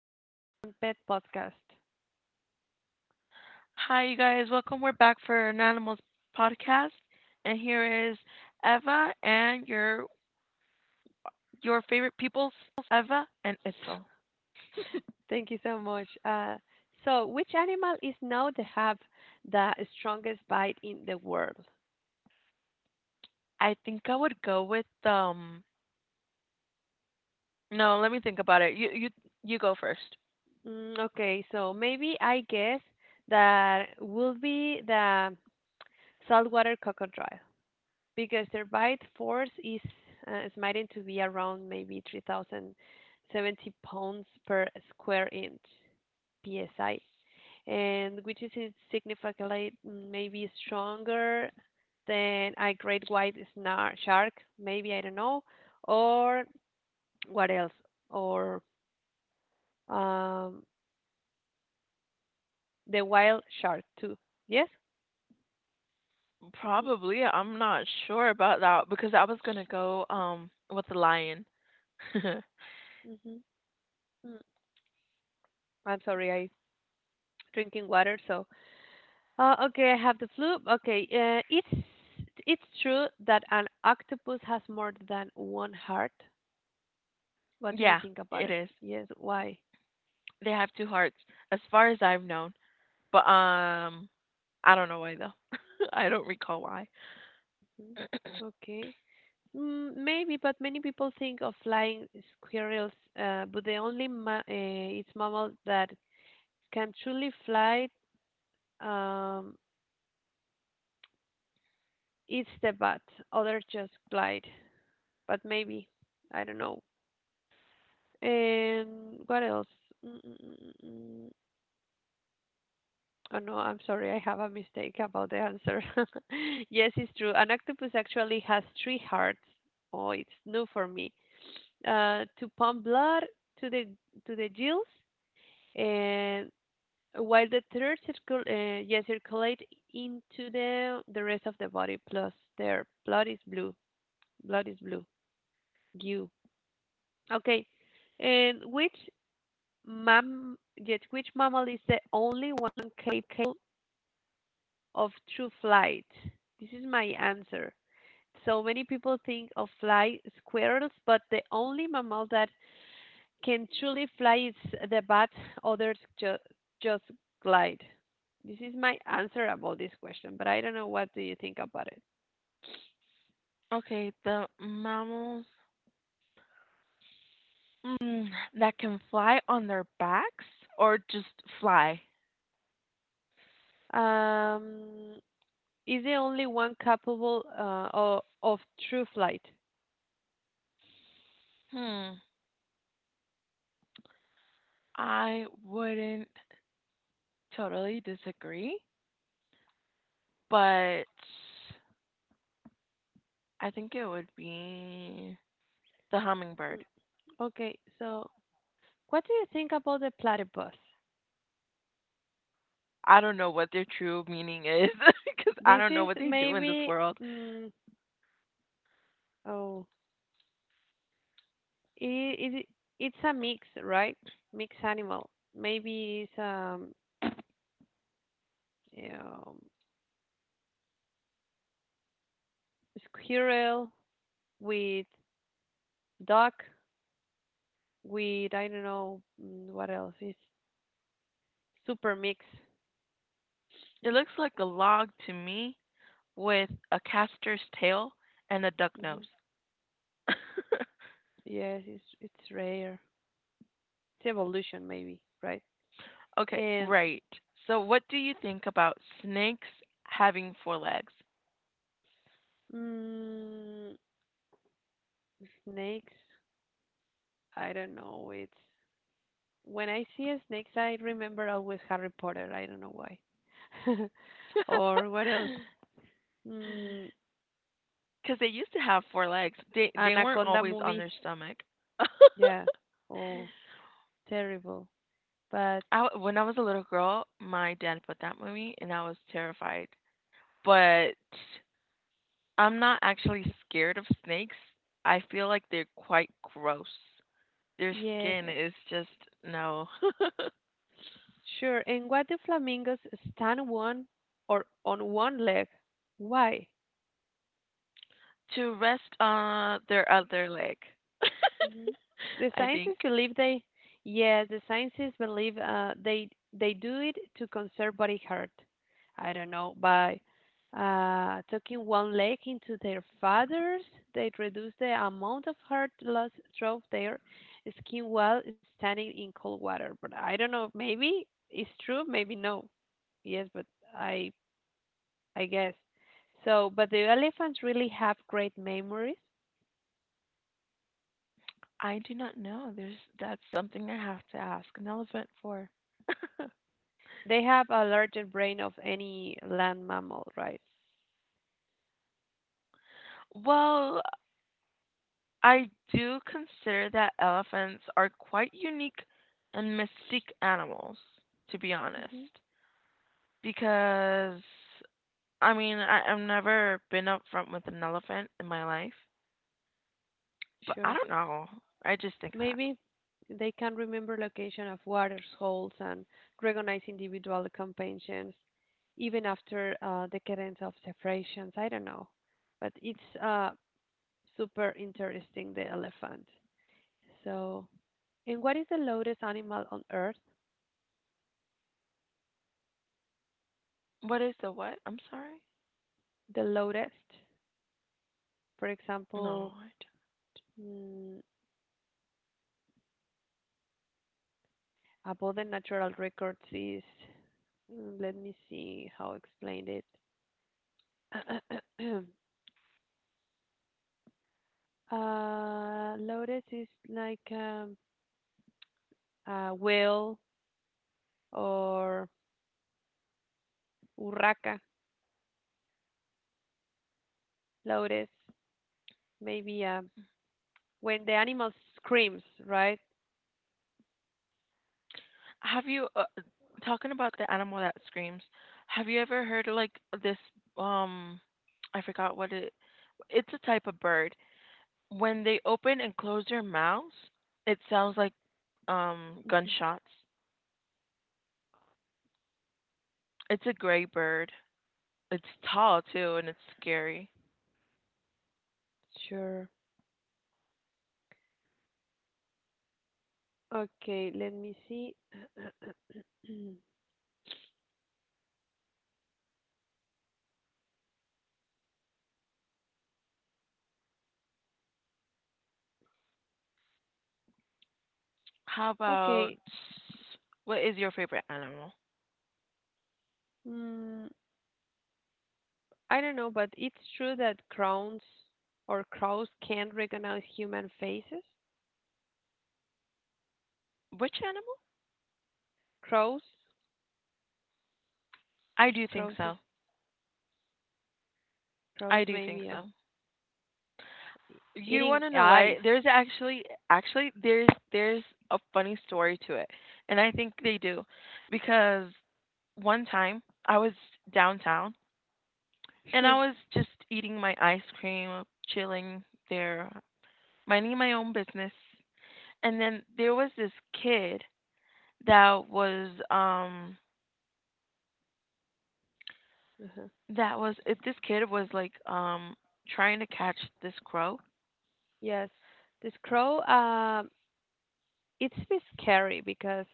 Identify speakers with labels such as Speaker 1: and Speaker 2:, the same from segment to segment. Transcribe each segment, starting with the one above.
Speaker 1: to the Animals and Pet Podcast.
Speaker 2: Hi, you guys. Welcome. We're back for an animals podcast, and here is Eva and your favorite peoples, Eva and Itzel.
Speaker 1: Thank you so much. So, which animal is known to have the strongest bite in the world?
Speaker 2: I think I would go with. No, let me think about it. You go first.
Speaker 1: Okay, so maybe I guess that will be the saltwater crocodile because their bite force is estimated to be around maybe 3,070 pounds per square inch PSI, and which is significantly maybe stronger than a great white shark, maybe I don't know, or what else, or um, the wild shark too. Yes. hmm
Speaker 2: Probably. I'm not sure about that because I was gonna go with the lion.
Speaker 1: hmm mm I'm sorry, I drinking water. So okay, I have the flu. Okay, it's true that an octopus has more than one heart. What do you
Speaker 2: Yeah,
Speaker 1: think about
Speaker 2: it
Speaker 1: it?
Speaker 2: is.
Speaker 1: Yes. Why?
Speaker 2: They have two hearts, as far as I've known. But I don't know why though. I don't recall why.
Speaker 1: Mhm. Okay. Maybe, but many people think of flying squirrels, but the only its mammal that can truly fly, um, is the bat. Others just glide, but maybe I don't know. And what else? Mm. Oh no, I'm sorry, I have a mistake about the answer. Yes, it's true. An octopus actually has three hearts. Oh, it's new for me. To pump blood to the to the gills, and while the third circulate into the rest of the body. Plus, their blood is blue. Blood is blue. Goo. Okay, and which mammal is the only one capable of true flight? This is my answer. So many people think of fly squirrels, but the only mammal that can truly fly is the bat, others just glide. This is my answer about this question, but I don't know what do you think about it.
Speaker 2: Okay, the mammals mm, that can fly on their backs or just fly?
Speaker 1: Um, is the only one capable, of true flight?
Speaker 2: Hmm. I wouldn't totally disagree, but I think it would be the hummingbird.
Speaker 1: Okay, so what do you think about the platypus?
Speaker 2: I don't know what their true meaning is because I
Speaker 1: This
Speaker 2: don't know
Speaker 1: is
Speaker 2: what they do in this
Speaker 1: maybe,
Speaker 2: world.
Speaker 1: mm, oh, i it, it's a mix, right? Mixed animal. Maybe it's, you know, squirrel with duck with I don't know, what else. It's super mix.
Speaker 2: It looks like a log to me with a caster's tail and a duck
Speaker 1: Hmm.
Speaker 2: nose.
Speaker 1: Yes, it's rare. It's evolution maybe, right?
Speaker 2: Okay,
Speaker 1: And,
Speaker 2: right. So what do you think about snakes having four legs?
Speaker 1: mm, snakes, I don't know. It's when I see a snakes, I remember always Harry Potter. I don't know why. Or what else? Mm,
Speaker 2: Because they used to have four legs. They weren't
Speaker 1: Anaconda
Speaker 2: always on
Speaker 1: movie.
Speaker 2: their stomach.
Speaker 1: Yeah. Oh, terrible. But
Speaker 2: When I was a little girl, my dad put that on me, and I was terrified. But I'm not actually scared of snakes. I feel like they're quite gross. Their
Speaker 1: yes.
Speaker 2: skin is just no.
Speaker 1: Sure. And why do flamingos stand one or on one leg? Why?
Speaker 2: To rest on their other leg,
Speaker 1: hmm The
Speaker 2: I think.
Speaker 1: scientists believe the scientists believe they do it to conserve body heat. I don't know by tucking one leg into their feathers, they reduce the amount of heat loss through their skin while standing in cold water. But I don't know. Maybe it's true. Maybe no. Yes, but I I guess. So, but the elephants really have great memories.
Speaker 2: I do not know. There's that's something I have to ask an elephant for.
Speaker 1: They have a larger brain of any land mammal, right?
Speaker 2: Well, I do consider that elephants are quite unique and mystique animals, to be honest. Because I mean, I've never been up front with an elephant in my life. But I
Speaker 1: Sure.
Speaker 2: don't know. I just think that.
Speaker 1: Maybe they can remember location of waters, holes, and recognize individual companions even after decadence of separations. I don't know, but it's super interesting. The elephant. So, and what is the loudest animal on Earth?
Speaker 2: What is the what? I'm sorry?
Speaker 1: The loudest, for
Speaker 2: No,
Speaker 1: example.
Speaker 2: I
Speaker 1: mm, above the natural records is, let me see how explain it. Lourdes is like, a whale, or urraca lourdes maybe, when the animal screams, right?
Speaker 2: Have you talking about the animal that screams? Have you ever heard of like this um I forgot what it's a type of bird. When they open and close their mouths, it sounds like gunshots. It's a gray bird. It's tall too and it's scary.
Speaker 1: Sure. Okay, let me see.
Speaker 2: How about
Speaker 1: Okay.
Speaker 2: what is your favorite animal?
Speaker 1: Mm, i don't know, but it's true that crowns or crows can't recognize human faces.
Speaker 2: Which animal?
Speaker 1: crows
Speaker 2: I do think
Speaker 1: Crows is
Speaker 2: so.
Speaker 1: crows
Speaker 2: I do
Speaker 1: maybe,
Speaker 2: think
Speaker 1: yeah.
Speaker 2: so.
Speaker 1: E-
Speaker 2: You
Speaker 1: Eating
Speaker 2: want to know
Speaker 1: eyes.
Speaker 2: why? There's actually there's a funny story to it. And I think they do because one time I was downtown and I
Speaker 1: Sure.
Speaker 2: was just eating my ice cream, chilling there, minding my own business. And then there was this kid that was um
Speaker 1: uh
Speaker 2: that was it, this kid was like trying to catch this crow.
Speaker 1: Yes. This crow, it's a bit scary because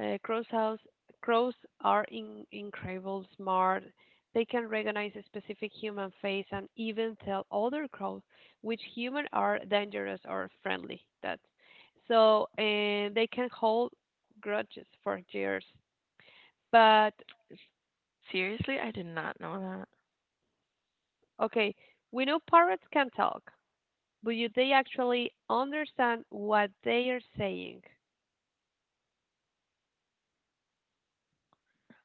Speaker 1: crows house crows are incredible smart. They can recognize a specific human face and even tell other crows which human are dangerous or friendly. That so, and they can hold grudges for years. But
Speaker 2: Seriously, I did not know that.
Speaker 1: okay, we know parrots can talk. But they actually understand what they are saying.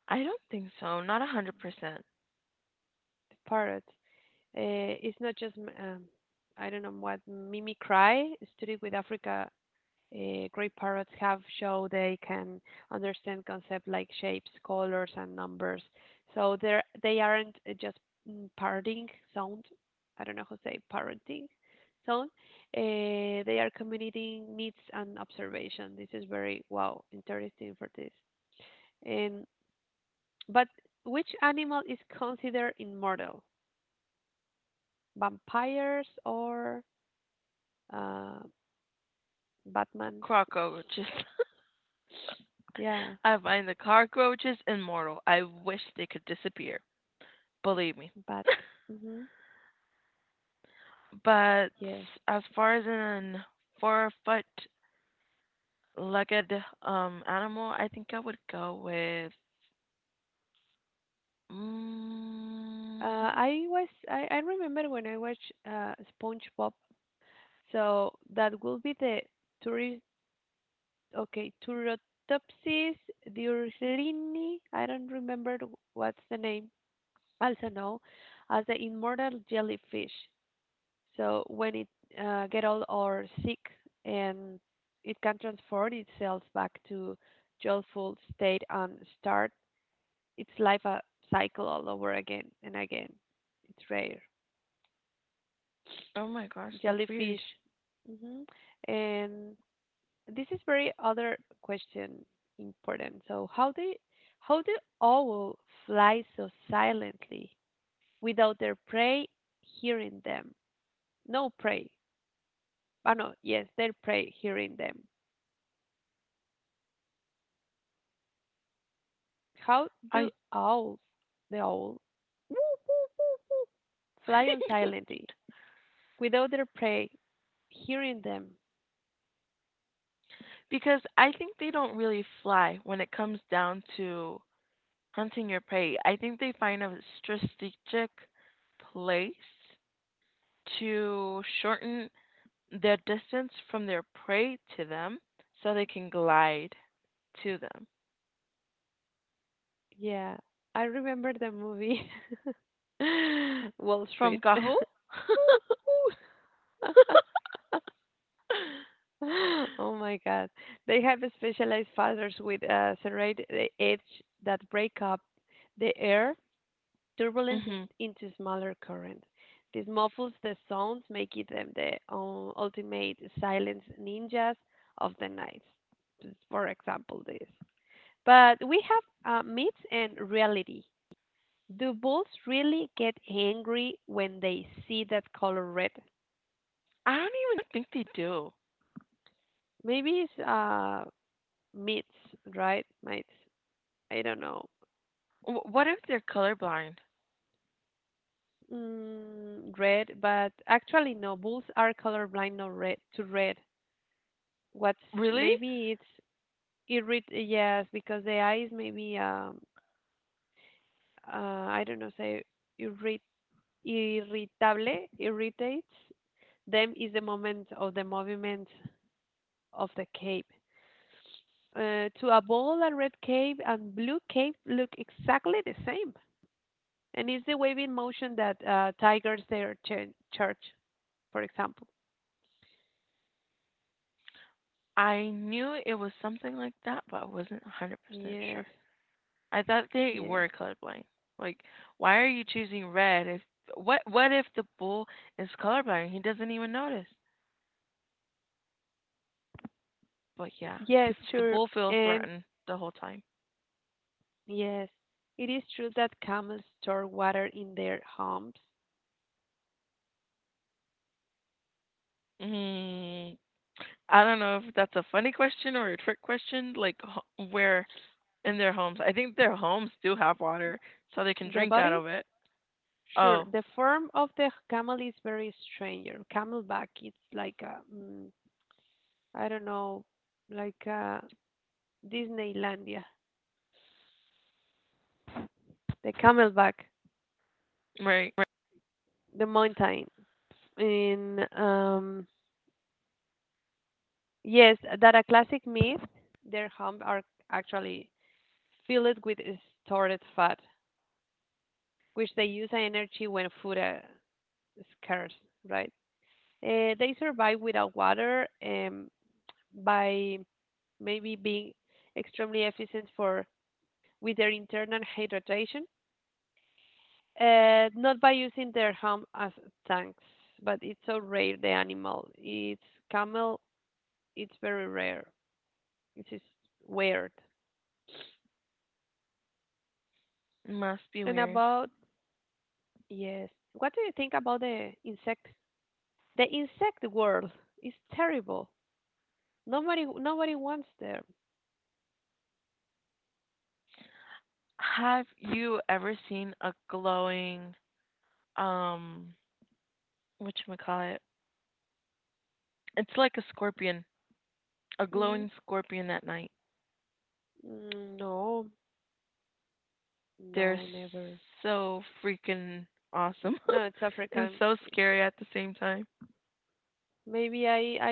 Speaker 2: I don't think so. Not 100%.
Speaker 1: The parrot. It's not just, um, I don't know what, mimicry. Study with Africa. Great parrots have show they can understand concepts like shapes, colors, and numbers. So they aren't just, parroting sound. I don't know how to say parroting sound. Uh, they are communicating needs and observation. This is very wow interesting for this. And But which animal is considered immortal? Vampires, or uh, Batman's?
Speaker 2: Cockroaches.
Speaker 1: Yeah,
Speaker 2: I find the cockroaches immortal. I wish they could disappear. Believe me.
Speaker 1: bat. Hmm.
Speaker 2: But
Speaker 1: Yes.
Speaker 2: as far as an 4-foot legged animal, I think I would go with. Mm,
Speaker 1: I remember when I watched SpongeBob. So that will be the tourist. Okay, Turritopsis diurlini. I don't remember what's the name. Also known as the immortal jellyfish. So when it get old or sick, and it can transform itself back to joyful state and start its life a cycle all over again and again. It's rare.
Speaker 2: oh my gosh, that's
Speaker 1: Jellyfish.
Speaker 2: weird.
Speaker 1: Hmm. And this is very other question important. So how do how do owl fly so silently without their prey hearing them? No prey. Ah, no, yes, their prey hearing them. How do
Speaker 2: I
Speaker 1: owls, the owl fly on silently without their prey hearing them?
Speaker 2: because I think they don't really fly when it comes down to hunting your prey. I think they find a strategic place to shorten their distance from their prey to them so they can glide to them.
Speaker 1: Yeah, I remember the movie Wall
Speaker 2: From
Speaker 1: Street.
Speaker 2: Gahu?
Speaker 1: Oh my God. They have specialized feathers with a serrated edge that break up the air turbulence,
Speaker 2: hmm
Speaker 1: into smaller current. This muffles the sounds, making them the ultimate silence ninjas of the night. Just for example, this. But we have myths and reality. Do bulls really get angry when they see that color red?
Speaker 2: I don't even think they do.
Speaker 1: Maybe it's myths, right? Myths. I don't know.
Speaker 2: What if they're colorblind?
Speaker 1: Red, but actually no. Bulls are colorblind, no, red to red. What's
Speaker 2: Really?
Speaker 1: maybe it's, because the eye is maybe, uh I don't know, say irrit irritable, irritates them is the moment of the movement of the cape. To a ball, a red cape and blue cape look exactly the same, and it's the waving motion that, tigers their church, for example.
Speaker 2: I knew it was something like that, but I wasn't 100%
Speaker 1: Yes,
Speaker 2: sure. I thought they
Speaker 1: yes,
Speaker 2: were colorblind. Like, why are you choosing red if what if the bull is colorblind? He doesn't even notice. But yeah,
Speaker 1: yes,
Speaker 2: the
Speaker 1: sure,
Speaker 2: bull feels
Speaker 1: and
Speaker 2: threatened the whole time.
Speaker 1: yes, it is true that camels store water in their humps.
Speaker 2: Mm, I don't know if that's a funny question or a trick question, like where in their homes. I think their homes do have water, so they can
Speaker 1: The
Speaker 2: drink out
Speaker 1: body.
Speaker 2: of it.
Speaker 1: Sure.
Speaker 2: Oh,
Speaker 1: The form of the camel is very strange. Camelback, it's like a, I don't know, like a Disneylandia. The camelback,
Speaker 2: right. Right.
Speaker 1: the mountain. In, yes, that a classic myth. Their hump are actually filled with stored fat, which they use as energy when food is scarce. Right? They survive without water, by maybe being extremely efficient for with their internal hydration, not by using their home as tanks, but it's so rare the animal. It's camel, it's very rare. It is weird.
Speaker 2: Must be
Speaker 1: And
Speaker 2: weird.
Speaker 1: about, yes, what do you think about the insect? The insect world is terrible. Nobody wants there.
Speaker 2: Have you ever seen a glowing, um, whatchamacallit? It's like a scorpion, a
Speaker 1: hmm
Speaker 2: glowing scorpion at night.
Speaker 1: No,
Speaker 2: They're
Speaker 1: no, never.
Speaker 2: so freaking awesome
Speaker 1: No, it's
Speaker 2: and
Speaker 1: African.
Speaker 2: so scary at the same time.
Speaker 1: Maybe I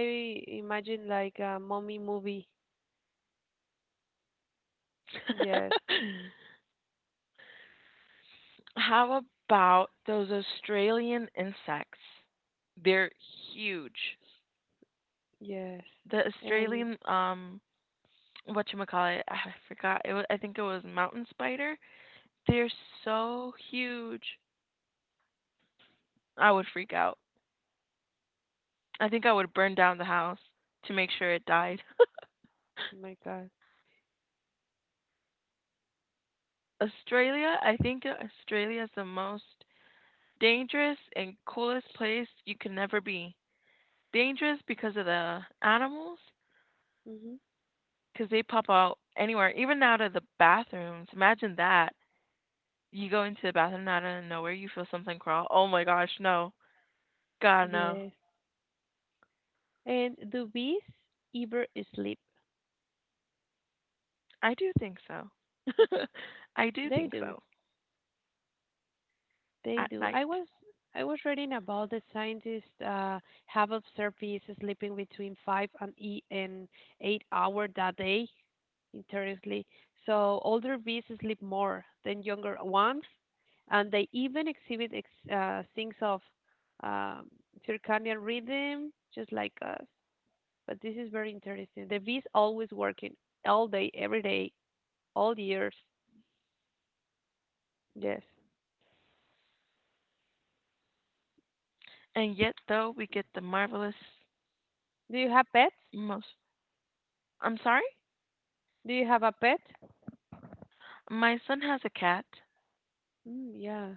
Speaker 1: imagine like a mommy movie. Yes.
Speaker 2: How about those Australian insects? They're huge.
Speaker 1: Yes.
Speaker 2: The
Speaker 1: And
Speaker 2: Australian whatchamacallit, I forgot. It was, I think it was mountain spider. They're so huge. I would freak out. I think I would burn down the house to make sure it died.
Speaker 1: oh my God.
Speaker 2: Australia, I think Australia is the most dangerous and coolest place you can ever be. Dangerous because of the animals,
Speaker 1: hmm
Speaker 2: 'cause they pop out anywhere, even out of the bathrooms. Imagine that. You go into the bathroom and out of nowhere, you feel something crawl. Oh my gosh, no. God, no.
Speaker 1: Yes. And do bees ever sleep?
Speaker 2: I do think so. I do
Speaker 1: They
Speaker 2: think
Speaker 1: do.
Speaker 2: so
Speaker 1: They
Speaker 2: at
Speaker 1: do.
Speaker 2: night.
Speaker 1: I was reading about the scientists have observed bees sleeping between five and eight hours a day. Interestingly, so older bees sleep more than younger ones, and they even exhibit things of, um, circadian rhythm, just like us. But this is very interesting. The bees always working all day, every day, all years. Yes.
Speaker 2: And yet, though, we get the marvelous
Speaker 1: Do you have pets?
Speaker 2: most. I'm sorry?
Speaker 1: Do you have a pet?
Speaker 2: My son has a cat.
Speaker 1: Mm, yeah.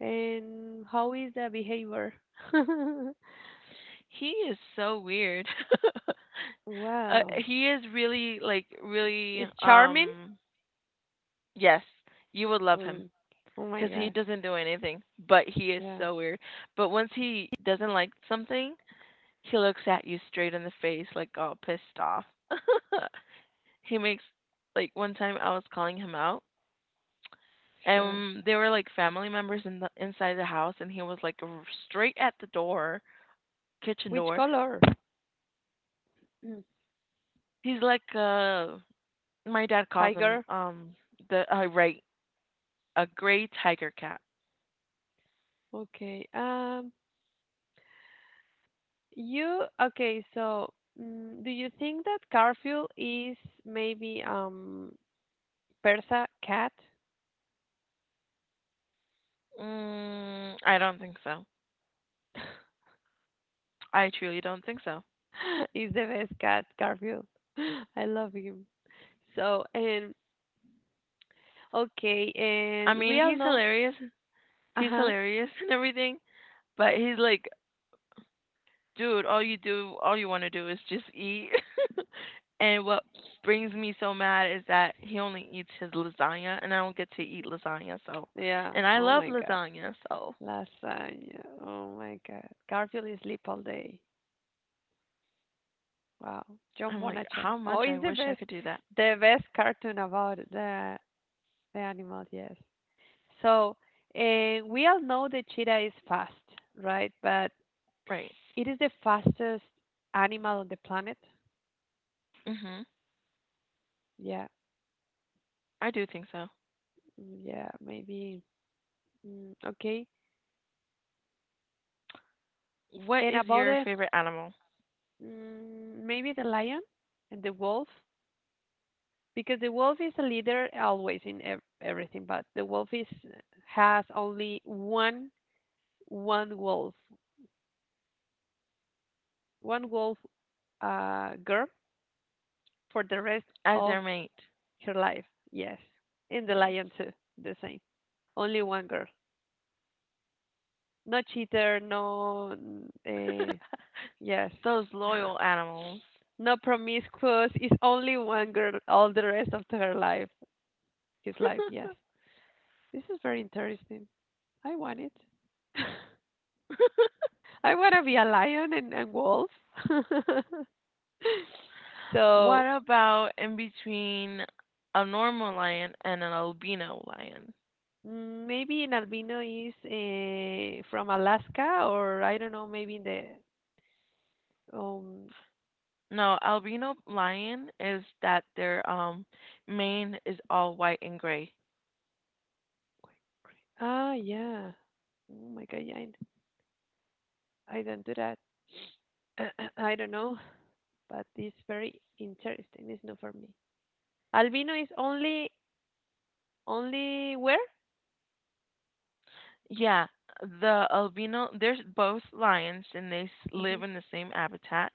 Speaker 1: And how is the behavior?
Speaker 2: He is so weird. uh,
Speaker 1: Wow.
Speaker 2: he is really, like, really,
Speaker 1: It's charming?
Speaker 2: yes, you would love him.
Speaker 1: Mm. Oh my
Speaker 2: Because he
Speaker 1: God.
Speaker 2: doesn't do anything, but he is
Speaker 1: Yeah,
Speaker 2: so weird. But once he doesn't like something, he looks at you straight in the face, like all pissed off. he makes like one time I was calling him out,
Speaker 1: sure.
Speaker 2: and they were like family members in the inside the house, and he was like straight at the door, kitchen
Speaker 1: Which
Speaker 2: door.
Speaker 1: color? Mm.
Speaker 2: He's like my dad calls him
Speaker 1: Tiger.
Speaker 2: the right, a gray tiger cat.
Speaker 1: Okay. You okay, so, do you think that Garfield is maybe, Persa cat?
Speaker 2: I don't think so. I truly don't think so.
Speaker 1: He's the best cat, Garfield. I love him. So, and okay,
Speaker 2: I
Speaker 1: and
Speaker 2: mean,
Speaker 1: we all
Speaker 2: he's
Speaker 1: know,
Speaker 2: hilarious.
Speaker 1: uh
Speaker 2: He's
Speaker 1: huh,
Speaker 2: hilarious and everything, but he's like, dude, all you want to do is just eat. And what brings me so mad is that he only eats his lasagna, and I don't get to eat lasagna. So,
Speaker 1: yeah,
Speaker 2: and I
Speaker 1: oh
Speaker 2: love
Speaker 1: my God,
Speaker 2: lasagna, so
Speaker 1: lasagna, oh my God, Garfield is sleep all day. Wow, John
Speaker 2: I'm like,
Speaker 1: Bonachon.
Speaker 2: how
Speaker 1: Oh,
Speaker 2: much I
Speaker 1: he's
Speaker 2: wish I could do that.
Speaker 1: the best cartoon about the animal. Yes. So, and we all know the cheetah is fast, right? But
Speaker 2: Right.
Speaker 1: it is the fastest animal on the planet.
Speaker 2: Mhm.
Speaker 1: Yeah,
Speaker 2: I do think so.
Speaker 1: yeah, maybe. Okay.
Speaker 2: What
Speaker 1: And
Speaker 2: is
Speaker 1: about
Speaker 2: your
Speaker 1: the,
Speaker 2: favorite animal
Speaker 1: maybe the lion and the wolf, because the wolf is a leader always in ev everything, but the wolf is has only one wolf, one wolf, girl for the rest
Speaker 2: as
Speaker 1: of
Speaker 2: their mate?
Speaker 1: her life. Yes. And the
Speaker 2: Yeah.
Speaker 1: lion too, the same. Only one girl. No cheater, no, uh, yes.
Speaker 2: Those loyal animals.
Speaker 1: No promiscuous, is only one girl all the rest of her life. His life. Yes, this is very interesting. I want it. I want to be a lion and, wolf. So,
Speaker 2: What about in between a normal lion and an albino lion?
Speaker 1: maybe an albino is from Alaska, or I don't know, maybe in the um.
Speaker 2: No, albino lion is that their mane is all white and gray.
Speaker 1: Ah, yeah. Oh my God, yeah, I don't do that. I don't know, but it's very interesting. It's not for me. Albino is only where?
Speaker 2: Yeah, the albino, there's both lions and they
Speaker 1: Mm-hmm.
Speaker 2: live in the same habitat.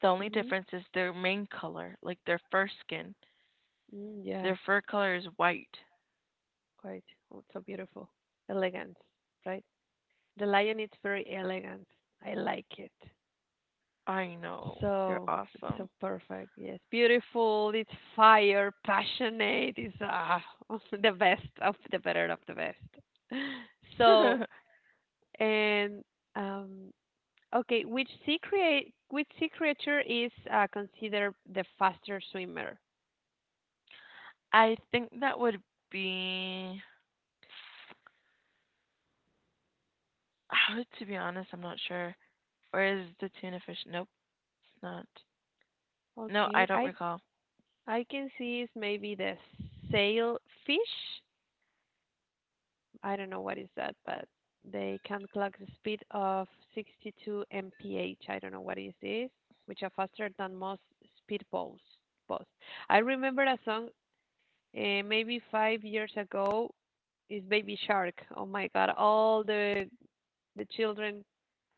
Speaker 2: The only
Speaker 1: Mm-hmm.
Speaker 2: difference is their mane color, like their fur skin.
Speaker 1: Mm, yeah.
Speaker 2: Their fur color is white.
Speaker 1: Quite. Oh, so beautiful. Elegant, right? The lion is very elegant. I like it.
Speaker 2: I know, they're
Speaker 1: So it's
Speaker 2: awesome.
Speaker 1: so perfect. Yes. Beautiful. It's fire, passionate. It's, the best of the better of the best. So, and, um, okay, which sea create which sea creature is considered the faster swimmer?
Speaker 2: I think that would be. How to be honest, I'm not sure. Where is the tuna fish? Nope, it's not. No, I
Speaker 1: Okay,
Speaker 2: don't
Speaker 1: I
Speaker 2: recall.
Speaker 1: I can see is maybe the sailfish. I don't know what is that, but they can clock the speed of 62 mph. I don't know what is this, which are faster than most speed boats. I remember a song maybe 5 years ago is Baby Shark. Oh my God! All the children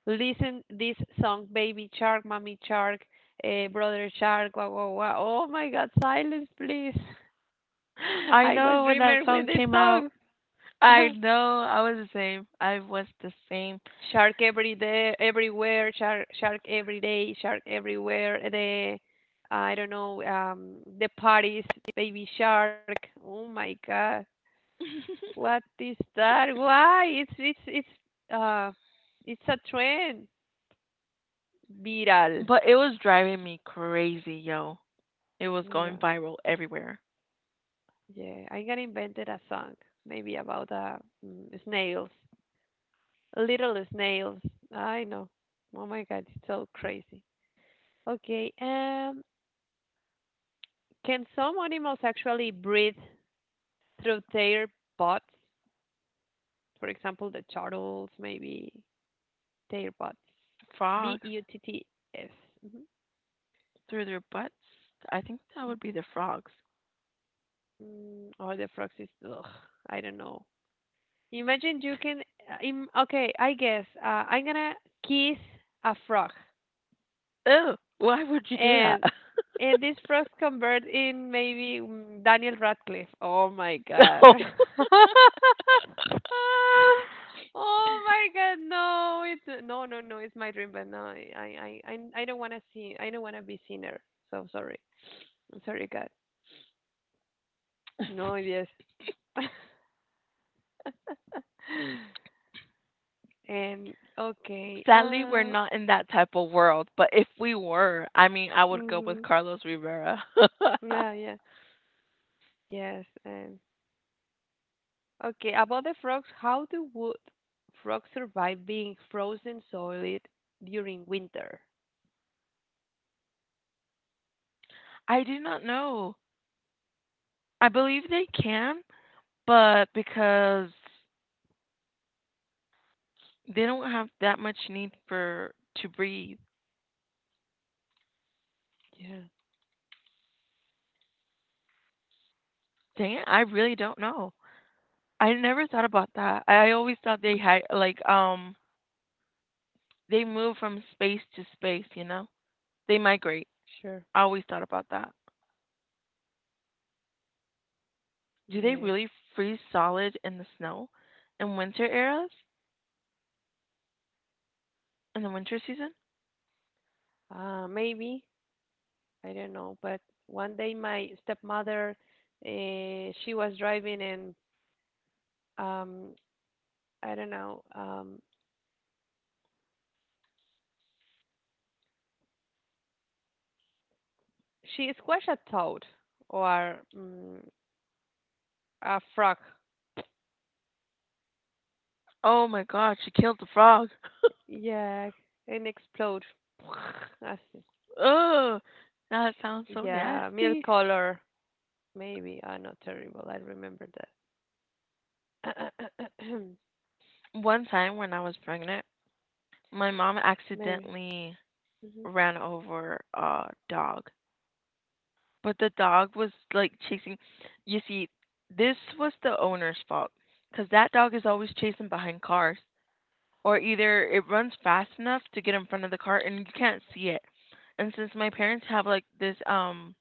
Speaker 1: listen this song, Baby Shark, Mommy Shark, Brother Shark. Wow, wow, wow! Oh my God! Silence, please.
Speaker 2: I
Speaker 1: I was
Speaker 2: know when that
Speaker 1: dreaming with
Speaker 2: song
Speaker 1: this
Speaker 2: came out.
Speaker 1: song.
Speaker 2: I know I was the same. I was the same.
Speaker 1: Shark every day, everywhere. Shark, shark every day. Shark everywhere. I don't know, the parties, Baby Shark. Oh my God, what is that? Why? It's it's a trend. Viral.
Speaker 2: But it was driving me crazy, yo. It was
Speaker 1: Yeah,
Speaker 2: going viral everywhere.
Speaker 1: yeah. I'm gonna invent a song, maybe about snails, little snails. I know. Oh my God, it's so crazy. Okay. Can some animals actually breathe through their bots, for example, the turtles, maybe their bots? B E
Speaker 2: Frogs
Speaker 1: U T T S. Mhm.
Speaker 2: through their butts. I think that would be the frogs.
Speaker 1: Or the frogs is, ugh, I don't know. Imagine you can, uh, okay, I guess I'm gonna kiss a frog.
Speaker 2: Ew, why would you do that?
Speaker 1: And And this frogs convert in maybe Daniel Radcliffe. Oh my god.
Speaker 2: No.
Speaker 1: Oh my god, no. It's no, no, no. It's my dream, but no. I don't want to see. I don't want to be sinner. So sorry. I'm sorry, God. No, yes. And okay.
Speaker 2: Sadly, we're not in that type of world. But if we were, I mean, I would go with
Speaker 1: Mhm.
Speaker 2: Carlos Rivera.
Speaker 1: Yeah, yeah. Yes, and okay, about the frogs, how do wood frogs survive being frozen solid during winter?
Speaker 2: I do not know. I believe they can, but because they don't have that much need for to breathe.
Speaker 1: Yeah,
Speaker 2: Dang it, I really don't know. I never thought about that. I always thought they had like they move from space to space, you know? They migrate.
Speaker 1: sure.
Speaker 2: I always thought about that. Do they
Speaker 1: Yes.
Speaker 2: really freeze solid in the snow in winter eras? In the winter season?
Speaker 1: Maybe, I don't know, but one day my stepmother, she was driving and um, I don't know, she squashed a toad or a frog.
Speaker 2: Oh my god, she killed the frog.
Speaker 1: Yeah, and explode. I see.
Speaker 2: Ugh. That sounds so
Speaker 1: Yeah, milk
Speaker 2: nasty.
Speaker 1: color. Maybe. Ah, not terrible. I remember
Speaker 2: One time when I was pregnant, my mom
Speaker 1: Maybe.
Speaker 2: accidentally
Speaker 1: Hmm
Speaker 2: ran over a dog, but the dog was like chasing. You see, this was the owner's fault because that dog is always chasing behind cars, or either it runs fast enough to get in front of the car and you can't see it. And since my parents have like this,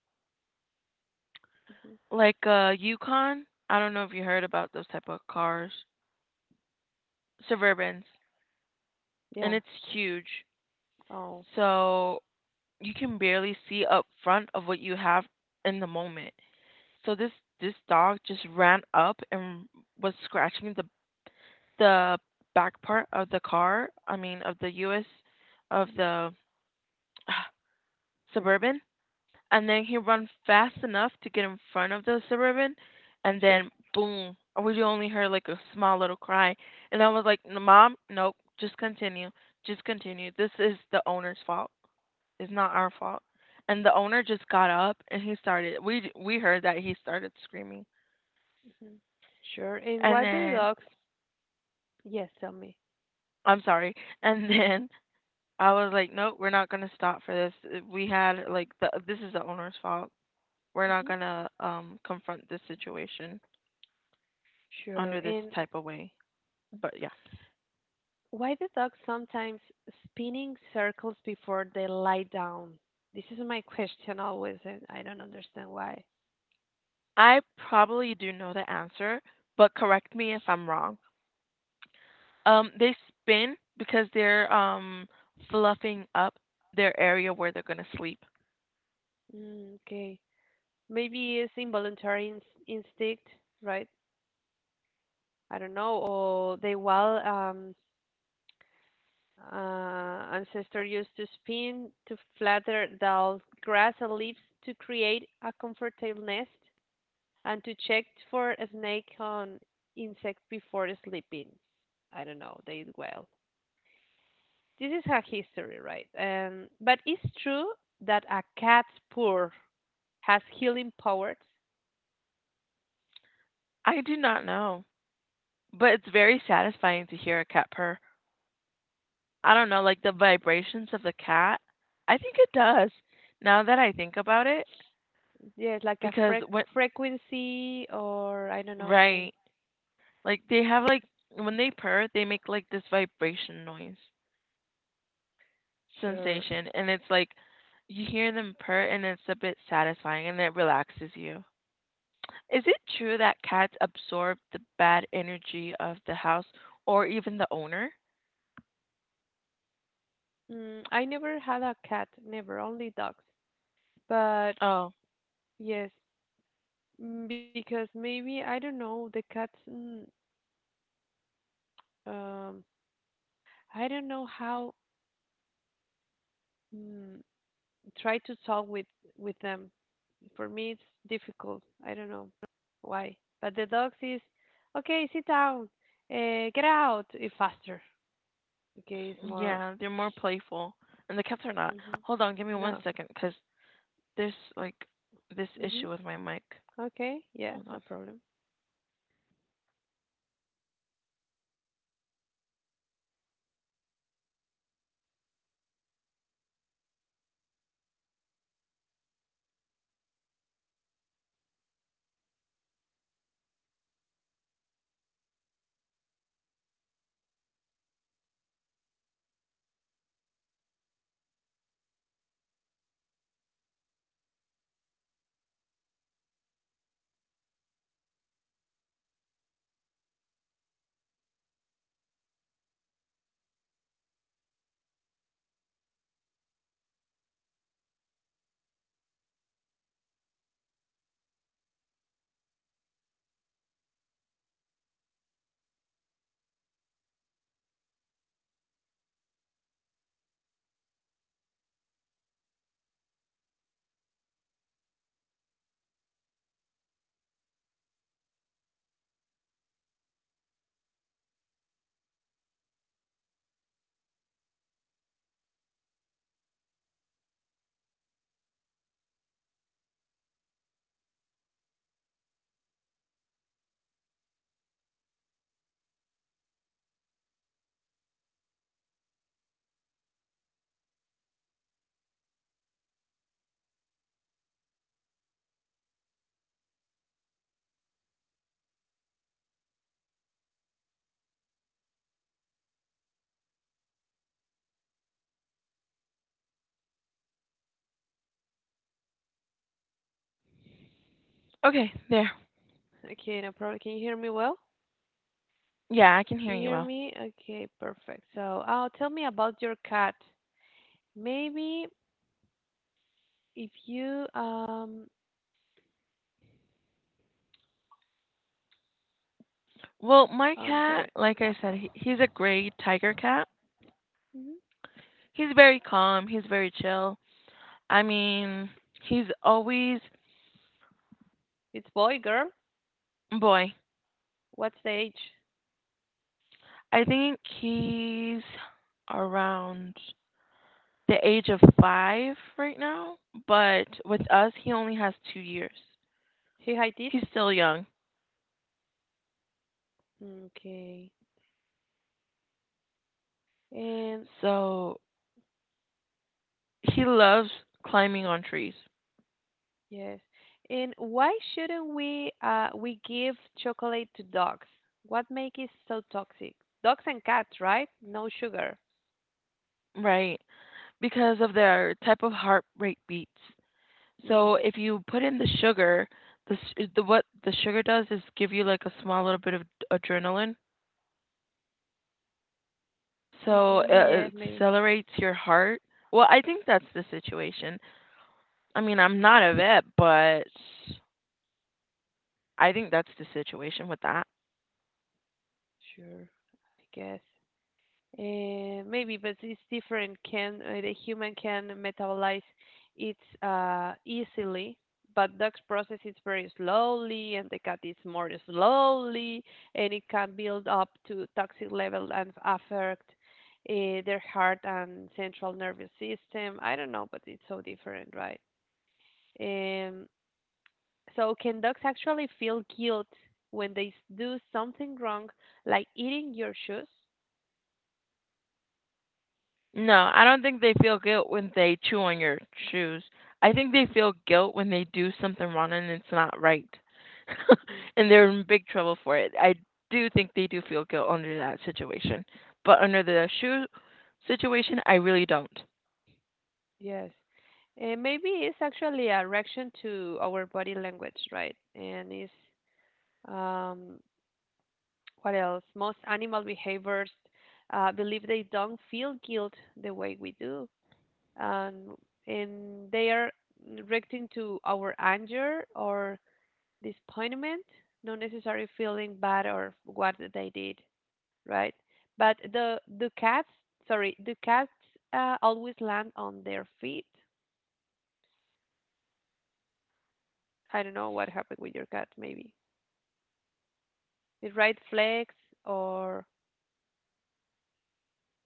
Speaker 1: hmm
Speaker 2: like a Yukon, I don't know if you heard about those type of cars, Suburbans, and
Speaker 1: Yeah.
Speaker 2: it's huge.
Speaker 1: Oh,
Speaker 2: So you can barely see up front of what you have in the moment. So this dog just ran up and was scratching the back part of the car. I mean, of the U.S., of the suburban, and then he run fast enough to get in front of the suburban, and
Speaker 1: sure.
Speaker 2: then boom. We only heard like a small little cry, and I was like, "Mom, nope, just continue, just continue. This is the owner's fault." It's not our fault. And the owner just got up and he started. We heard that he started screaming.
Speaker 1: hmm Sure. And
Speaker 2: And
Speaker 1: why do
Speaker 2: then
Speaker 1: dogs? Yes, tell me.
Speaker 2: I'm sorry. And then I was like, nope, we're not gonna stop for this. We had like the this is the owner's fault. We're not
Speaker 1: Hmm
Speaker 2: gonna confront this situation
Speaker 1: Sure.
Speaker 2: under this
Speaker 1: And
Speaker 2: type of way. But yeah,
Speaker 1: why do dogs sometimes spin in circles before they lie down? This is my question always, and I don't understand why.
Speaker 2: I probably do know the answer, but correct me if I'm wrong. They spin because they're fluffing up their area where they're gonna sleep.
Speaker 1: Mm, okay. Maybe it's involuntary instinct, right? I don't know. Or they will ancestor used to spin to flatter dull grass and leaves to create a comfortable nest and to check for a snake on insects before sleeping. I don't know, they did well. This is her history, right? But it's true that a cat's purr has healing powers.
Speaker 2: I do not know. But it's very satisfying to hear a cat purr. I don't know, like the vibrations of the cat. I think it does. Now that I think about it,
Speaker 1: Yeah, like a
Speaker 2: because when,
Speaker 1: frequency or I don't know.
Speaker 2: right, like they have, like when they purr, they make like this vibration noise
Speaker 1: Sure.
Speaker 2: sensation, and it's like you hear them purr, and it's a bit satisfying, and it relaxes you. Is it true that cats absorb the bad energy of the house or even the owner?
Speaker 1: Mm, I never had a cat, never, only dogs. But yes, because maybe I don't know the cats. Um, I don't know how mm, try to talk with them. For me, it's difficult. I don't know why. But the dogs is okay. Sit down. Get out. Faster. Okay, it's more.
Speaker 2: Yeah, they're more playful, and the cats are not.
Speaker 1: Hmm
Speaker 2: Hold on, give me one
Speaker 1: No.
Speaker 2: second, cause there's like this
Speaker 1: hmm
Speaker 2: issue with my mic.
Speaker 1: Okay. Yeah.
Speaker 2: Hold
Speaker 1: No
Speaker 2: on.
Speaker 1: problem.
Speaker 2: Okay, there.
Speaker 1: Okay. No problem. Can you hear me well?
Speaker 2: Yeah, I can hear
Speaker 1: You
Speaker 2: you
Speaker 1: hear
Speaker 2: well.
Speaker 1: me? Okay. Perfect. So, oh, tell me about your cat. Maybe. If you
Speaker 2: Well, my cat,
Speaker 1: sorry.
Speaker 2: like I said, he's a gray tiger cat.
Speaker 1: Hmm
Speaker 2: He's very calm. He's very chill. I mean, he's always
Speaker 1: It's boy, girl.
Speaker 2: boy.
Speaker 1: What's the age?
Speaker 2: I think he's around the age of 5 right now, but with us, he only has 2 years.
Speaker 1: He height it?
Speaker 2: He's still young.
Speaker 1: Okay. And
Speaker 2: So he loves climbing on trees,
Speaker 1: yes. And why shouldn't we give chocolate to dogs? What make it so toxic? Dogs and cats, right? No sugar.
Speaker 2: right? Because of their type of heart rate beats.
Speaker 1: Mm.
Speaker 2: So if you put in the sugar, the what the sugar does is give you like a small little bit of adrenaline. So it
Speaker 1: Mm-hmm. Yes,
Speaker 2: it
Speaker 1: maybe.
Speaker 2: accelerates your heart. Well, I think that's the situation. I mean, I'm not a vet, but I think that's the situation with that.
Speaker 1: Sure. I guess. Maybe, but it's different. Can the human can metabolize it easily, but dogs process it very slowly, and the cat is more slowly, and it can build up to toxic level and affect their heart and central nervous system. I don't know, but it's so different, right? Um, so can dogs actually feel guilt when they do something wrong, like eating your shoes?
Speaker 2: No, I don't think they feel guilt when they chew on your shoes. I think they feel guilt when they do something wrong and it's not right. And they're in big trouble for it. I do think they do feel guilt under that situation. But under the shoe situation, I really don't.
Speaker 1: Yes. And maybe it's actually a reaction to our body language, right? And it's um, what else? Most animal behaviors believe they don't feel guilt the way we do, and they are reacting to our anger or disappointment, not necessarily feeling bad or what they did, right? But the cats, sorry, the cats always land on their feet. I don't know what happened with your cat. Maybe it right flags or.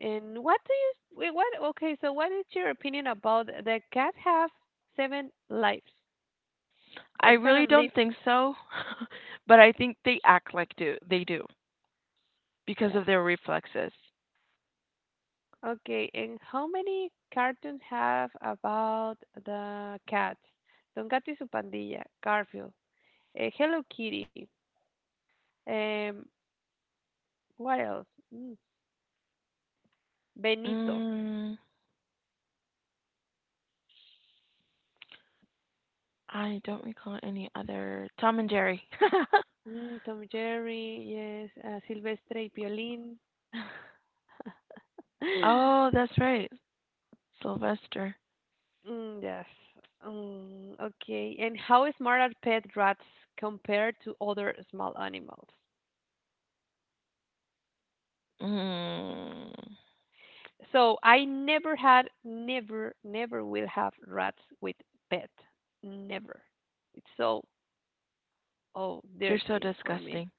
Speaker 1: And what do you wait, what? Okay, so what is your opinion about the cat have seven lives
Speaker 2: I
Speaker 1: or
Speaker 2: really
Speaker 1: seven
Speaker 2: don't
Speaker 1: lives?
Speaker 2: think so. But I think they act like do they do because
Speaker 1: Yeah.
Speaker 2: of their reflexes.
Speaker 1: Okay, and how many cartoons have about the cat? Don Gato y su pandilla, Garfield, Hello Kitty, um, what else? Mm, Benito,
Speaker 2: Mm, I don't recall any other Tom and Jerry.
Speaker 1: Tom Jerry, yes, Silvestre y Piolín. Mm,
Speaker 2: Oh, that's right. Sylvester.
Speaker 1: yes. Okay. And how smart are pet rats compared to other small animals?
Speaker 2: Mm,
Speaker 1: So I never had, never, never will have rats with pet. Never. It's so, oh,
Speaker 2: they're so
Speaker 1: dirty for me.
Speaker 2: disgusting.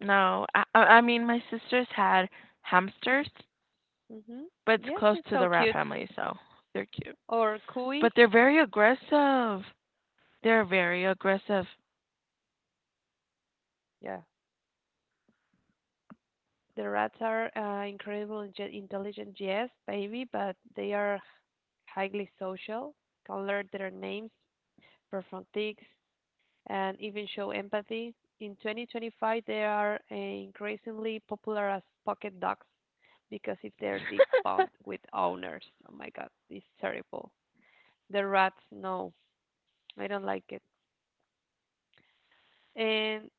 Speaker 2: No, I mean my sisters had hamsters,
Speaker 1: Mm-hmm.
Speaker 2: but it's
Speaker 1: Yes,
Speaker 2: close
Speaker 1: it's
Speaker 2: to the
Speaker 1: so
Speaker 2: rat
Speaker 1: cute.
Speaker 2: family, so they're cute.
Speaker 1: Or
Speaker 2: But
Speaker 1: Kui.
Speaker 2: they're very aggressive. They're very aggressive.
Speaker 1: Yeah. The rats are incredible and intelligent, yes, baby, but they are highly social, can learn their names, perform tricks, and even show empathy. In 2025, they are increasingly popular as pocket dogs because if they're deep bound with owners, oh my god, it's terrible. The rats, no, I don't like it. And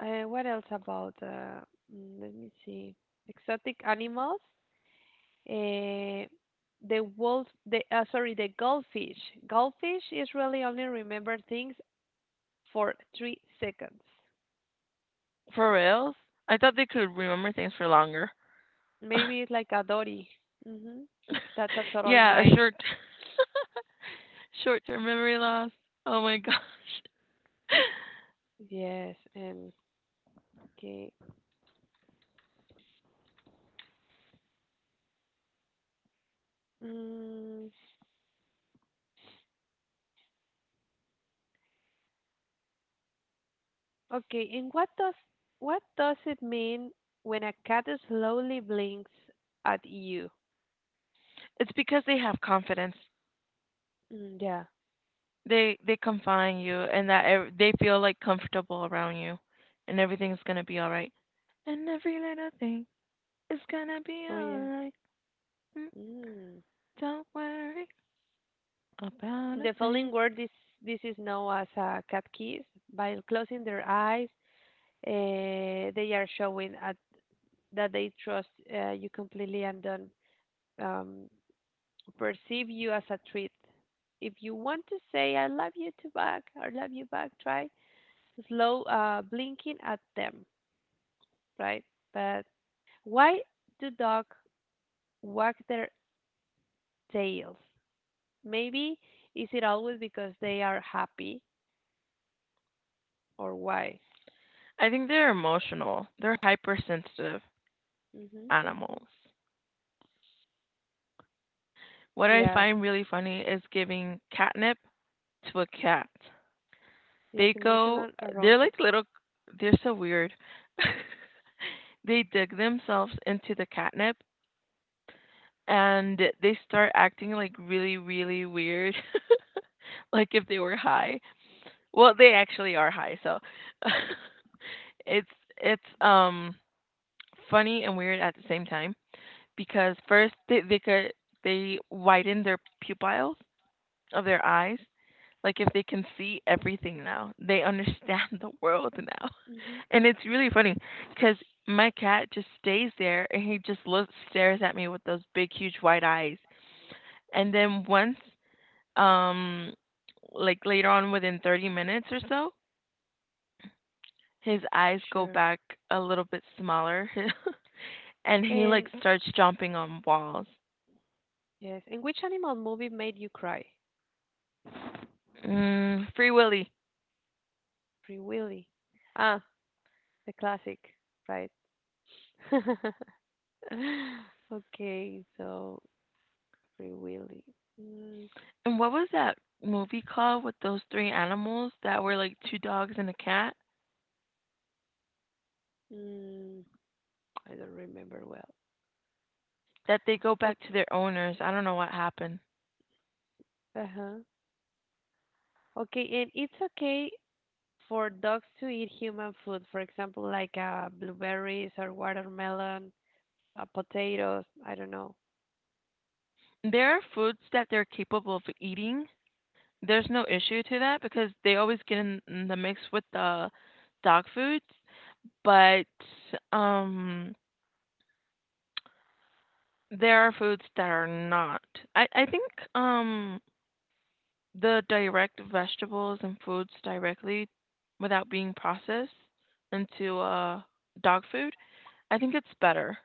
Speaker 1: what else about? Let me see. Exotic animals. Uh, the wolf. The Sorry, the goldfish. Goldfish is really only remember things for 3 seconds.
Speaker 2: For reals? I thought they could remember things for longer.
Speaker 1: Maybe it's like a Dory. Hmm That's a total
Speaker 2: Yeah, a
Speaker 1: mate.
Speaker 2: short short-term memory loss. Oh my gosh.
Speaker 1: Yes, and okay. Mm, okay, and what does it mean when a cat slowly blinks at you?
Speaker 2: It's because they have confidence.
Speaker 1: Mm, yeah.
Speaker 2: They confine you and that they feel like comfortable around you and everything's going to be all right. And every little thing is going to be
Speaker 1: Oh
Speaker 2: all
Speaker 1: yeah.
Speaker 2: right. Mm,
Speaker 1: Mm.
Speaker 2: don't worry about
Speaker 1: In
Speaker 2: a
Speaker 1: the following
Speaker 2: thing.
Speaker 1: word, this is known as a cat kiss. By closing their eyes, uh, they are that they trust you completely and don't um, perceive you as a treat. If you want to say, I love you back, try slow blinking at them, right? But why do dogs wag their tails? Maybe is it always because they are happy or why?
Speaker 2: I think they're emotional. They're hypersensitive
Speaker 1: Hmm
Speaker 2: animals. What I
Speaker 1: Yes,
Speaker 2: find really funny is giving catnip to a cat. They
Speaker 1: yes,
Speaker 2: go,
Speaker 1: emotional
Speaker 2: they're
Speaker 1: aroused.
Speaker 2: like little, they're so weird. They dig themselves into the catnip and they start acting like really, really weird, like if they were high. Well, they actually are high, so it's it's funny and weird at the same time because first they could they widen their pupils of their eyes, like if they can see everything now, they understand the world now.
Speaker 1: Hmm
Speaker 2: And it's really funny because my cat just stays there and he just looks stares at me with those big huge white eyes. And then once um like later on within 30 minutes or so, his eyes go
Speaker 1: Sure.
Speaker 2: back a little bit smaller and he like
Speaker 1: And
Speaker 2: starts jumping on walls.
Speaker 1: yes, and which animal movie made you cry?
Speaker 2: Mm, Free Willy.
Speaker 1: Free Willy. Ah, the classic, right? Okay, so Free Willy. Mm,
Speaker 2: And what was that movie called with those three animals that were like two dogs and a cat
Speaker 1: mm, I don't remember well.
Speaker 2: that they go back
Speaker 1: Okay,
Speaker 2: to their owners? I don't know what happened.
Speaker 1: uh-huh. Okay, and it's okay for dogs to eat human food, for example, like blueberries or watermelon, potatoes, I don't know.
Speaker 2: There are foods that they're capable of eating. There's no issue to that because they always get in the mix with the dog foods, but um there are foods that are not. I think um the direct vegetables and foods directly without being processed into dog food, I think it's better.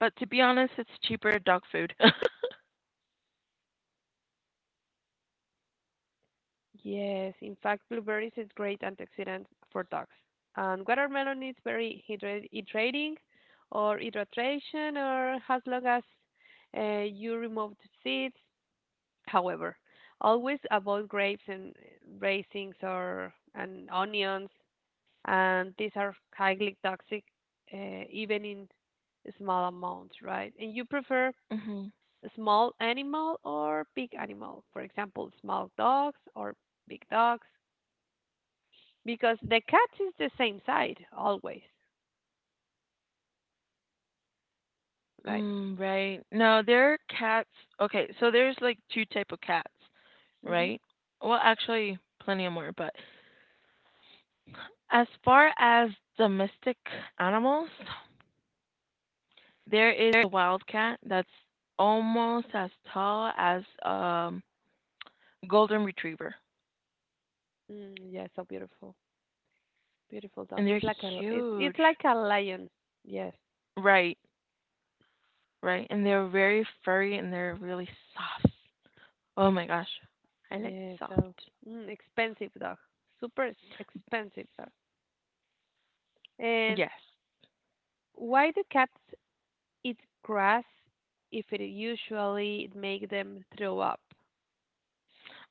Speaker 2: But to be honest, it's cheaper dog food.
Speaker 1: Yes, in fact, blueberries is great antioxidant for dogs. And watermelon is very hydrating or hydration or as long as you remove the seeds. However, always avoid grapes and raisins or and onions, and these are highly toxic, even in small amounts, right? And you prefer
Speaker 2: Mhm.
Speaker 1: a small animal or big animal, for example, small dogs or big dogs because the cat is the same side always, right?
Speaker 2: Mm, right. No, there are cats. Okay, so there's like two type of cats,
Speaker 1: hmm
Speaker 2: right? Well, actually, plenty of more, but as far as domestic animals, there is a wild cat that's almost as tall as golden retriever,
Speaker 1: Mm, yeah, so beautiful, beautiful dog.
Speaker 2: and they're
Speaker 1: It's
Speaker 2: huge.
Speaker 1: like a lion. Yes,
Speaker 2: Right, right. And they're very furry and they're really soft. Oh my gosh. I like
Speaker 1: yeah.
Speaker 2: soft.
Speaker 1: So expensive dog, expensive dog. And
Speaker 2: Yes.
Speaker 1: why do cats eat grass if it usually make them throw up?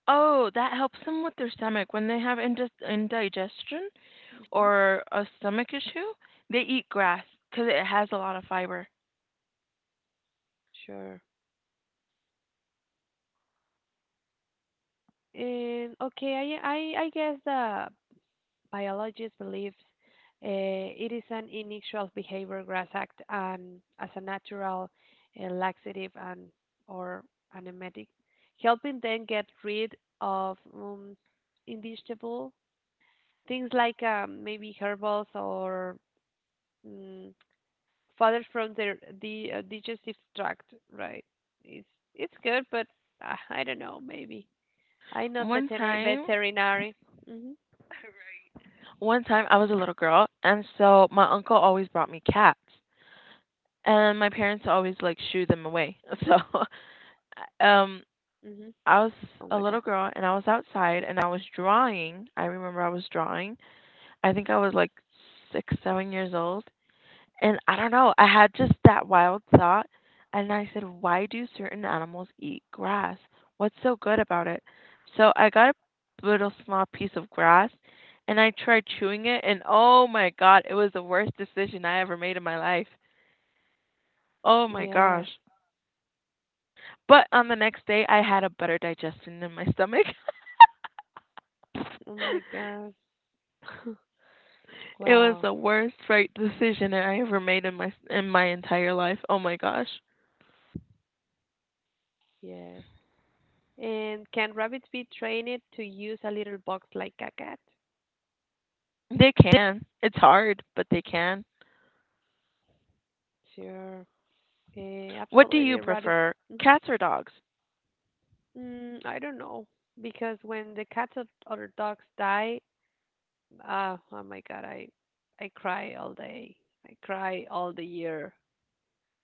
Speaker 2: Oh, that helps them with their stomach. When they have indis indigestion
Speaker 1: Hmm
Speaker 2: or a stomach issue, they eat grass because it has a lot of fiber.
Speaker 1: Sure. And okay, I guess the biologists believe it is an initial behavior grass act and as a natural laxative and or an emetic, helping them get rid of indigestible things like maybe herbals or mm further from their the digestive tract, right? It's good, but I don't know. Maybe I'm not
Speaker 2: One
Speaker 1: veterinary.
Speaker 2: time
Speaker 1: Veterinary. Mhm.
Speaker 2: One time I was a little girl, and so my uncle always brought me cats, and my parents always, like, shoo them away. So, um,
Speaker 1: Mhm.
Speaker 2: I was
Speaker 1: Oh
Speaker 2: a
Speaker 1: my god.
Speaker 2: little girl, and I was outside, and I was drawing. I remember I was drawing. I think I was, like, 6, 7 years old. And I don't know, I had just that wild thought and I said, "Why do certain animals eat grass? What's so good about it?" So I got a little small piece of grass and I tried chewing it and oh my god, it was the worst decision I ever made in my life. Oh my
Speaker 1: Yes.
Speaker 2: gosh. But on the next day I had a better digestion in my stomach.
Speaker 1: Oh my God.
Speaker 2: It was
Speaker 1: Wow.
Speaker 2: the worst right decision that I ever made in my entire life. Oh my gosh.
Speaker 1: Yes. And can rabbits be trained to use a little box like a cat?
Speaker 2: They can. It's hard, but they can.
Speaker 1: Sure. Eh,
Speaker 2: What do you
Speaker 1: absolutely. Rabbit.
Speaker 2: prefer,
Speaker 1: Mhm.
Speaker 2: cats or dogs?
Speaker 1: Mm, I don't know. Because when the cats or other dogs die, oh my God, I cry all day. I cry all the year.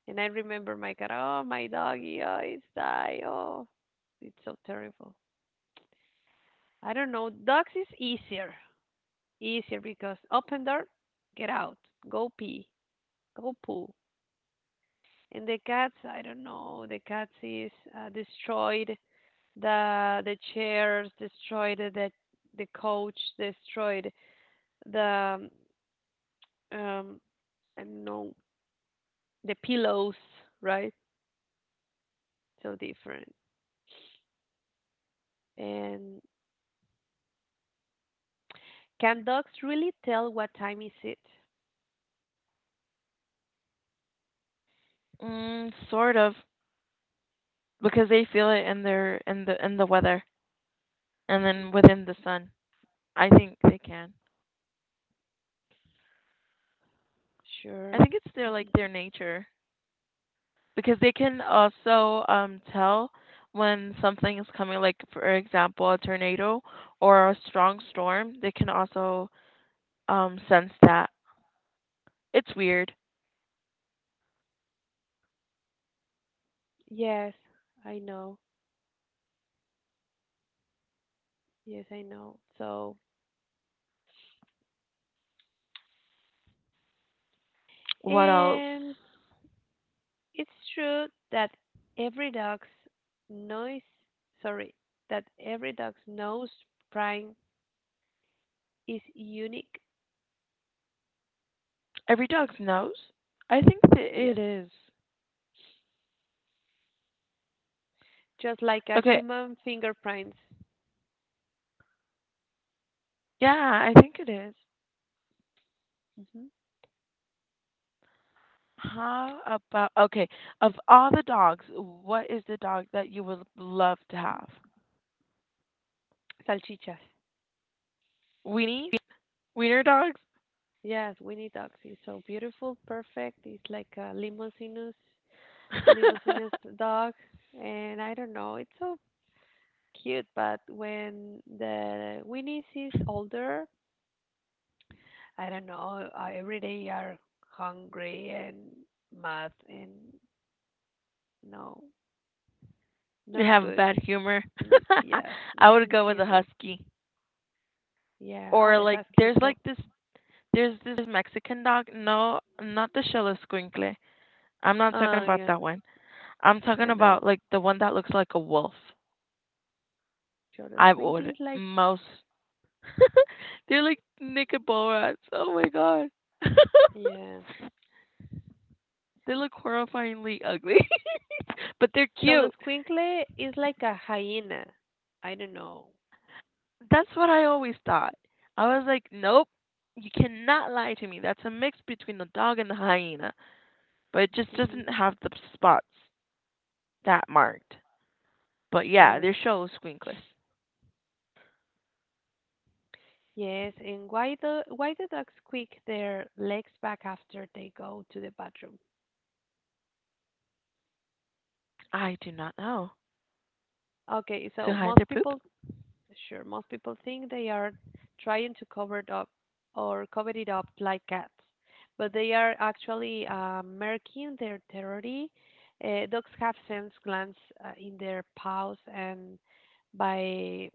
Speaker 1: And I remember my cat, oh, my doggy, oh, it's die. Oh, it's so terrible. I don't know. Dogs is easier. Easier because open door, get out, go pee, go poo. And the cats, I don't know, the cats is destroyed the chairs, destroyed the couch, destroyed the um I don't know the pillows, right? So different. And can dogs really tell what time is it?
Speaker 2: Mm, sort of, because they feel it in their in the weather and then
Speaker 1: Hmm
Speaker 2: within the sun. I think they can. I
Speaker 1: Sure.
Speaker 2: think it's their like their nature because they can also tell when something is coming, like for example, a tornado or a strong storm. They can also sense that. It's weird.
Speaker 1: Yes, I know. Yes, I know. So,
Speaker 2: What else?
Speaker 1: and it's true that every dog's noise, sorry, that every dog's nose print is unique.
Speaker 2: Every dog knows. I think that
Speaker 1: Yes,
Speaker 2: it is.
Speaker 1: just like a
Speaker 2: Okay,
Speaker 1: human fingerprints.
Speaker 2: yeah, I think it is.
Speaker 1: Hmm
Speaker 2: How about okay, of all the dogs, what is the dog that you would love to have?
Speaker 1: Salchichas.
Speaker 2: Weenie, Wiener dogs?
Speaker 1: Yes, Winnie dogs is so beautiful, perfect. It's like a limosinus dog, and I don't know, it's so cute. But when the Winnie is older, I don't know, every day are hungry and mad and no, no
Speaker 2: They have
Speaker 1: good.
Speaker 2: bad humor.
Speaker 1: Yes,
Speaker 2: I would
Speaker 1: hmm
Speaker 2: go with a
Speaker 1: humor.
Speaker 2: husky.
Speaker 1: Yeah. Oh,
Speaker 2: Or
Speaker 1: the
Speaker 2: like
Speaker 1: husky is
Speaker 2: there's like
Speaker 1: so.
Speaker 2: this there's this Mexican dog. No, not the Shilla Squinkle. I'm not talking
Speaker 1: Oh,
Speaker 2: about
Speaker 1: yeah.
Speaker 2: that one. I'm
Speaker 1: I
Speaker 2: talking about
Speaker 1: know.
Speaker 2: like the one that looks like a wolf.
Speaker 1: Cholo
Speaker 2: I
Speaker 1: Squinkly
Speaker 2: would
Speaker 1: is like.
Speaker 2: most they're like naked ball rats. Oh my god.
Speaker 1: Yeah.
Speaker 2: They look horrifyingly ugly, but they're
Speaker 1: Cholo
Speaker 2: cute.
Speaker 1: Squinkly is like a hyena. I don't know.
Speaker 2: That's what I always thought. I was like, nope, you cannot lie to me. That's a mix between the dog and the hyena, but it just
Speaker 1: Hmm
Speaker 2: doesn't have the spots that marked. But yeah, their
Speaker 1: Sure.
Speaker 2: show is squinkless.
Speaker 1: Yes. And why the dogs squeak their legs back after they go to the bathroom?
Speaker 2: I do not know.
Speaker 1: Okay,
Speaker 2: To
Speaker 1: so
Speaker 2: hide
Speaker 1: most
Speaker 2: their poop?
Speaker 1: people Sure. Most people think they are trying to cover it up or cover it up like cats, but they are actually marking their territory. Dogs have sense glands in their paws, and by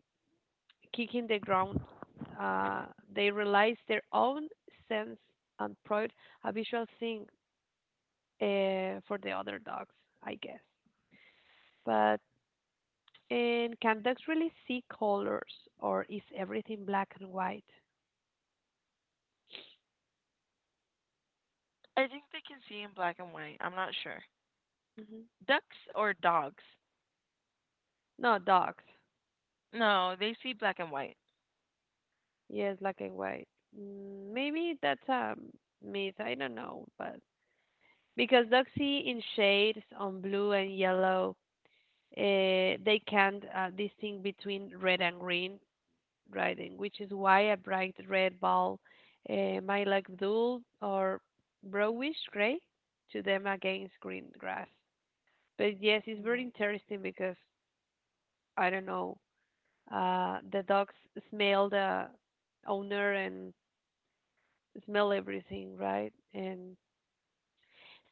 Speaker 1: kicking the ground, uh, they realize their own sense and pride a visual thing for the other dogs, I guess. But and can dogs really see colors, or is everything black and white?
Speaker 2: I think they can see in black and white. I'm not sure.
Speaker 1: Hmm
Speaker 2: Ducks or dogs?
Speaker 1: No, dogs.
Speaker 2: No, they see black and white.
Speaker 1: Yes, black and white. Mm, maybe that's a myth. I don't know, but because dogs see in shades on blue and yellow, uh, they can't distinguish between red and green, right? And which is why a bright red ball might look dull or brownish gray to them against green grass. But yes, it's very interesting because I don't know. The dogs smell the owner and smell everything, right? And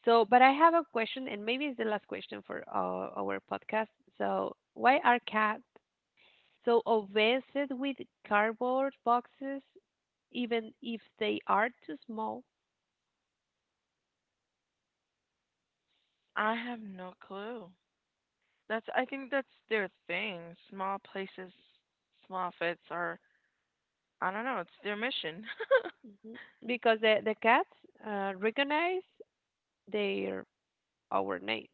Speaker 1: so, but I have a question, and maybe it's the last question for our podcast. So, why are cats so obsessed with cardboard boxes, even if they are too small?
Speaker 2: I have no clue. That's I think that's their thing. Small places, small fits are I don't know, it's their mission.
Speaker 1: Hmm Because the cats recognize their our name,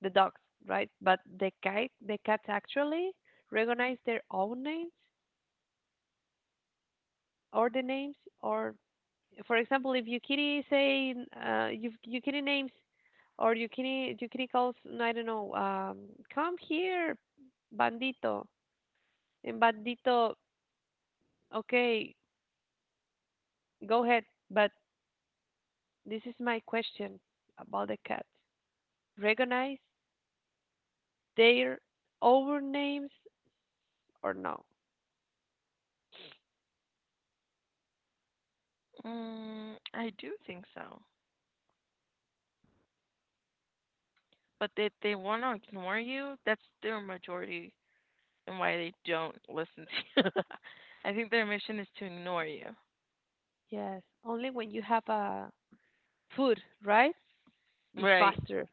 Speaker 1: the dogs, right? But the cats actually recognize their own names or the names or for example, if Yukiri say Yukiri names or Yukiri calls, no, I don't know, come here, bandito, and bandito, okay, go ahead, but this is my question about the cats. Recognize their over names or no?
Speaker 2: Mm, I do think so. But they want to ignore you. That's their majority and why they don't listen to you. I think their mission is to ignore you.
Speaker 1: Yes, only when you have a food, right? It's
Speaker 2: Right.
Speaker 1: faster.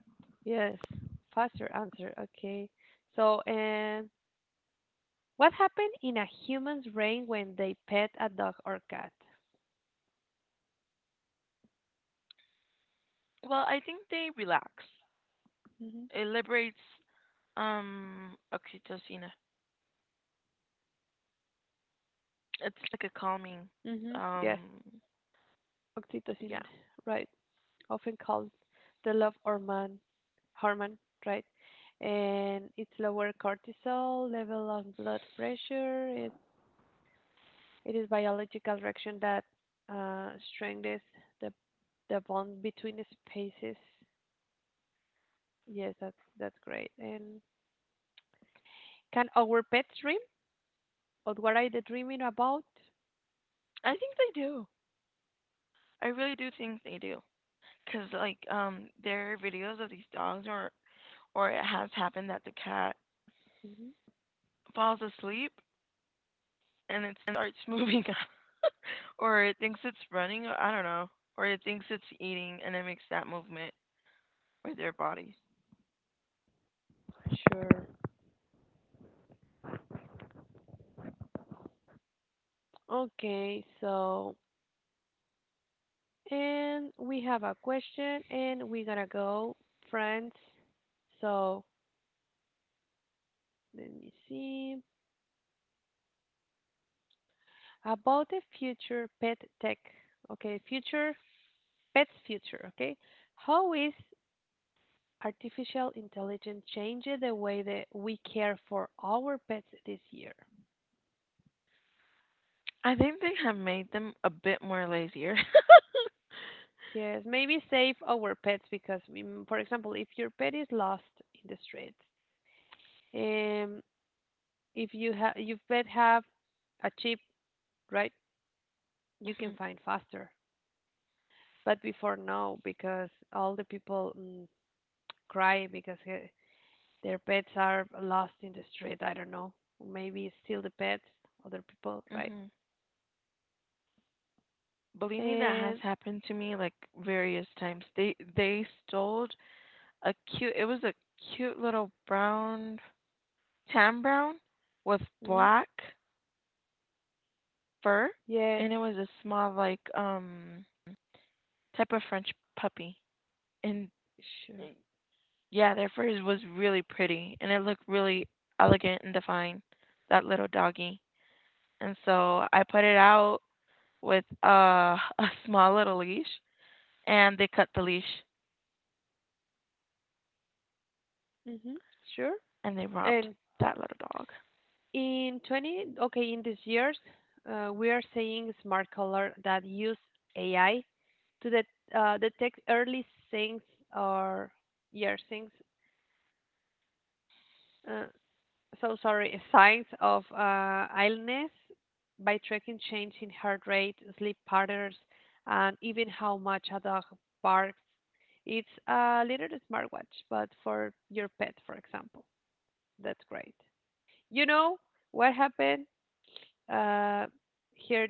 Speaker 1: Yes, faster answer. Okay. So, and what happens in a human's brain when they pet a dog or cat?
Speaker 2: Well, I think they relax.
Speaker 1: Hmm
Speaker 2: It liberates oxytocin. It's like a calming
Speaker 1: hmm Yes,
Speaker 2: um
Speaker 1: oxytocin,
Speaker 2: yeah.
Speaker 1: right? Often called the love hormone, right? And it's lower cortisol level of blood pressure. It is biological reaction that strengthens the the bond between the species. Yes, that's great. And can our pets dream? Or what are they dreaming about?
Speaker 2: I think they do. I really do think they do. Because like there are videos of these dogs or it has happened that the cat
Speaker 1: Hmm
Speaker 2: falls asleep and it starts moving or it thinks it's running or I don't know or it thinks it's eating and it makes that movement with their bodies.
Speaker 1: Sure. Okay, so, and we have a question and we're gonna go, friends. So, let me see. About the future pet tech. Okay, future, pets future, okay? How is artificial intelligence changing the way that we care for our pets this year?
Speaker 2: I think they have made them a bit more lazier.
Speaker 1: Yes, maybe save our pets because, for example, if your pet is lost in the streets, um, if you have, your pet have a chip, right? You can
Speaker 2: Mhm.
Speaker 1: find faster. But before no, because all the people cry because their pets are lost in the street. I don't know. Maybe steal the pets, other people, right?
Speaker 2: Mhm. Believe me that has
Speaker 1: And
Speaker 2: happened to me like various times. They stole a cute it was a cute little brown Tan brown with
Speaker 1: mhm,
Speaker 2: black fur,
Speaker 1: yes,
Speaker 2: and it was a small like type of French puppy. And
Speaker 1: sure,
Speaker 2: eh, yeah, their fur was really pretty, and it looked really elegant and defined. That little doggy. And so I put it out with a small little leash, and they cut the leash
Speaker 1: hmm sure.
Speaker 2: and they robbed
Speaker 1: And
Speaker 2: that little dog.
Speaker 1: in 20, okay, in these years, we are seeing smart color that use AI to detect early things or yeah things. Uh, so sorry, signs of illness by tracking change in heart rate, sleep patterns, and even how much a dog barks. It's a little smartwatch, but for your pet, for example. That's great. You know what happened? Uh, Here,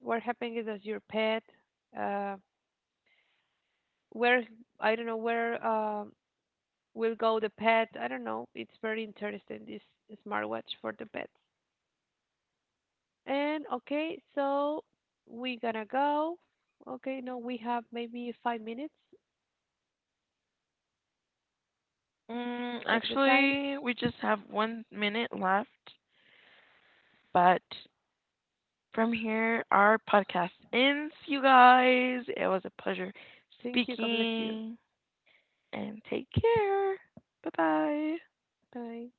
Speaker 1: what happened is that your pet, uh, where I don't know where will go the pet. I don't know. It's very interesting this smartwatch for the pets. And okay, so we gonna go. Okay, no, we have maybe 5 minutes.
Speaker 2: Mm,
Speaker 1: Check the time.
Speaker 2: actually, we just have 1 minute left, but from here our podcast ends, you guys. It was a pleasure
Speaker 1: Thank you. God bless you.
Speaker 2: speaking and take care. Bye bye.
Speaker 1: Bye.